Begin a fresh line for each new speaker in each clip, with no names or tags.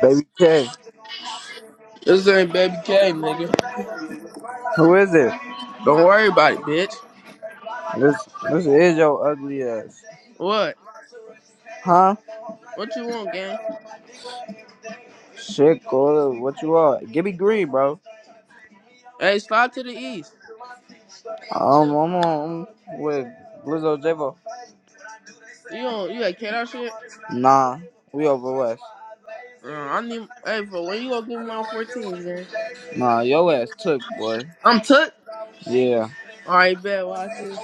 Baby K,
This ain't baby K, nigga.
who is it?
Don't worry about it, bitch.
This this is your ugly ass,
What?
huh?
What you want, gang?
Shit, go what you are? Give me green, bro.
Hey, slide to the east.
Um, I'm on I'm with Blizzo Jabo.
You don't you got cat out shit?
Nah, we over west.
Uh, I need hey for when you gonna give me my fourteen, gang?
Nah, your ass took, boy.
I'm took.
Yeah.
Alright, bet watch this.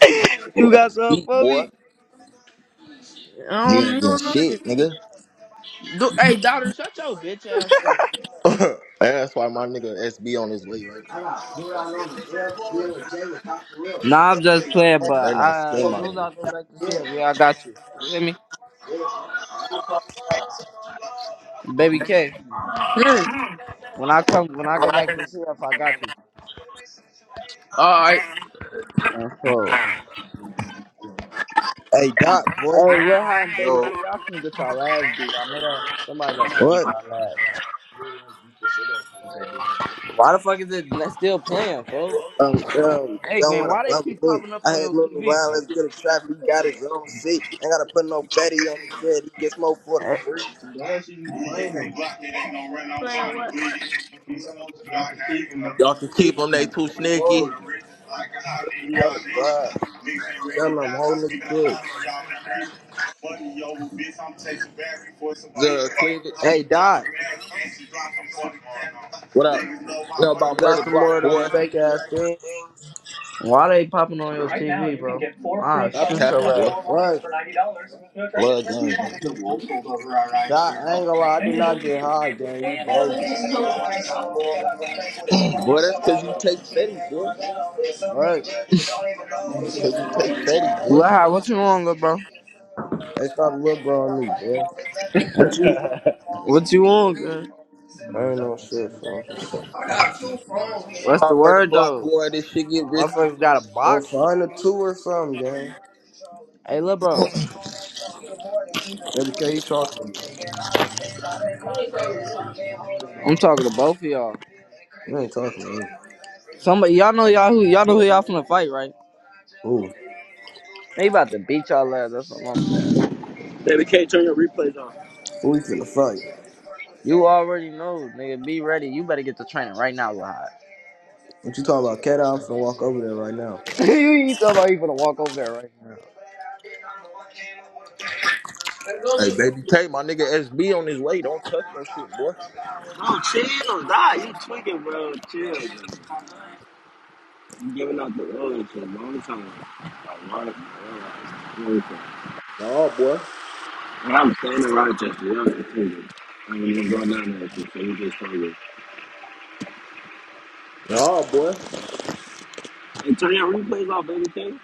Your
You got
ass
the
beat,
for
boy.
me?
I
Nigga
don't,
ain't
you
getting
don't know yet.
shit, nigga.
Do, hey daughter, shut your bitch ass up.
And that's why my nigga SB on his way right
I
now.
got boot
So you
out on the air, Bill and Jay with top for
Nah, I'm just playing,
Like,
but
better not
I, as
spend my
soon
nigga.
as I go back to CF, yeah, I got you. You hear me?
real.
Baby K, when I come, when I go back to CF, I got you.
Alright,
That's all.
Hey, Doc, boy.
Hey, Lil High and Baby
Yo.
K, y'all finna get y'all ass beat. I know that somebody about to beat
What?
y'all ass. Why the fuck is it n- still playing, folks?
Um, um,
Hey,
don't
gang,
want to
why they
bubble
keep
me.
popping up
I
on
had
your
Lenny
TV,
Wild.
bro?
Let's get a trap. He got his own seat. Ain't got to put no fatty on his head. He gets more for the free.
Last year you Playing what? Why
Y'all can keep them, they too sneaky.
He on the grind. Tell him I'm holding his dick.
The Cleavage.
Hey, Doc,
What up? Know
you
about
got
murder
some more
block,
of them
boy.
fake ass things?
Why they popping on your Right T V, now, TV, you can bro? Can get four Ah, free
Stop
shoot your
tapping,
ass.
boy.
four lines
What?
for $90. No
Blood game,
trade-in.
nigga.
Doc, I ain't gonna lie. I
No.
did not get high, gang. You bogus.
boy, that's cause you take Fetty, boy.
What?
That's cause you take fatty, boy.
What hap- what you on, little bro?
They stopped little bro on me, boy.
What you what you on, girl?
I ain't no shit, fool. I got two phones, gang.
What's the
About murder
word
block,
though?
boy, this shit get risky.
Motherfuckers got a
Well,
box?
find a two or something, gang.
Hey little bro,
Baby K, you talking to me? You ain't talking to me.
I'm talking to both of y'all.
You ain't talking to me.
Somebody y'all know y'all who y'all know who y'all finna fight, right?
Who?
They about to beat y'all ass, that's what I'm saying.
Baby can't turn your replays on.
Who we finna fight?
You already know, nigga. Be ready. You better get to training right now, Lahad.
What you talking about? Cat, I'm finna walk over there right now.
you you talking about you finna walk over there right now.
Let's go,
Hey,
Migo.
baby, K, my nigga SB on his way. Don't touch no shit, boy.
Bro, chill, die. You tweaking, bro. Chill, bro. You giving out the road for a long time. A lot of
Nah, boy.
And I'm staying in Rochester. You're in Cleveland. I'm even going down there with you, so you just told me.
Nah, boy.
And turn your replays off, baby can't?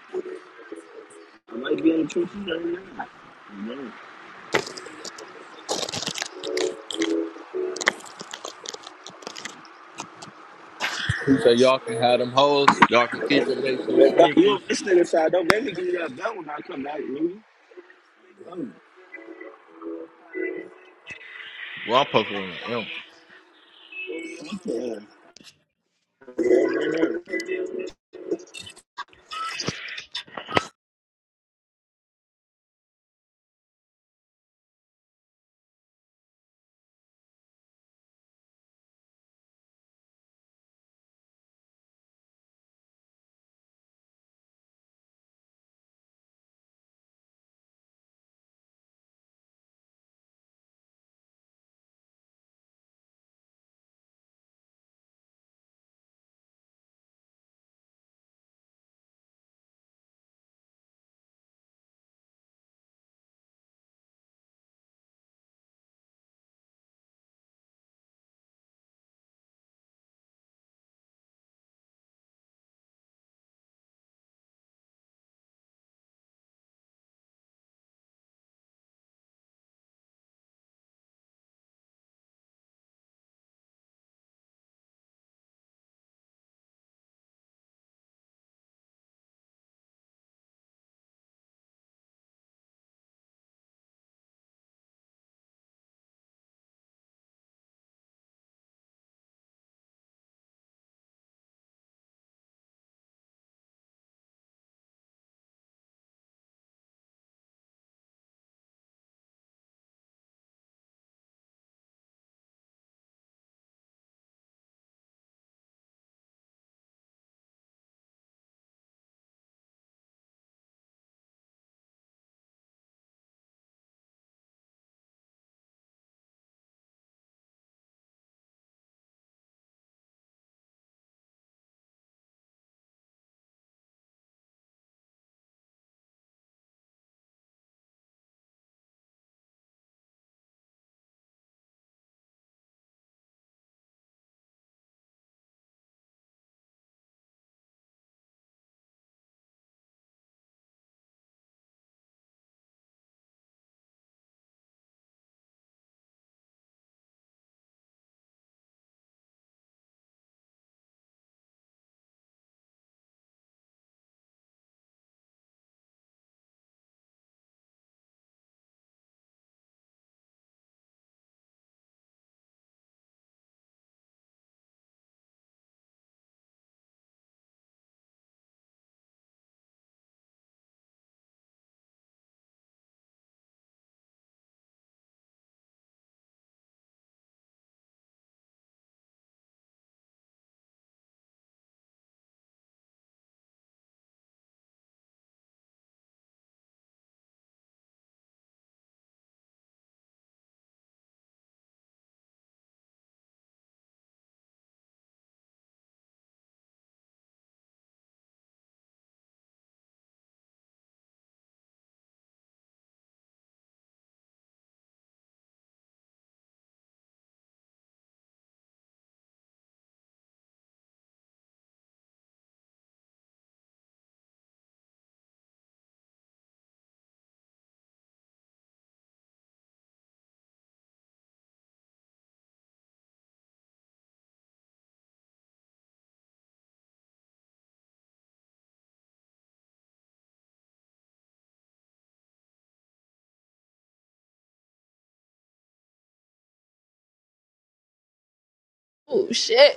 I might be in the trenches right now. You know.
He said y'all can have them hoes. Y'all can keep them. niggas too
If I- you
sneaky.
don't listen to this side, don't make me give you that bell when I come back, nigga. Bro,
Well, I'm poking on him.
fuck that.
Oh shit.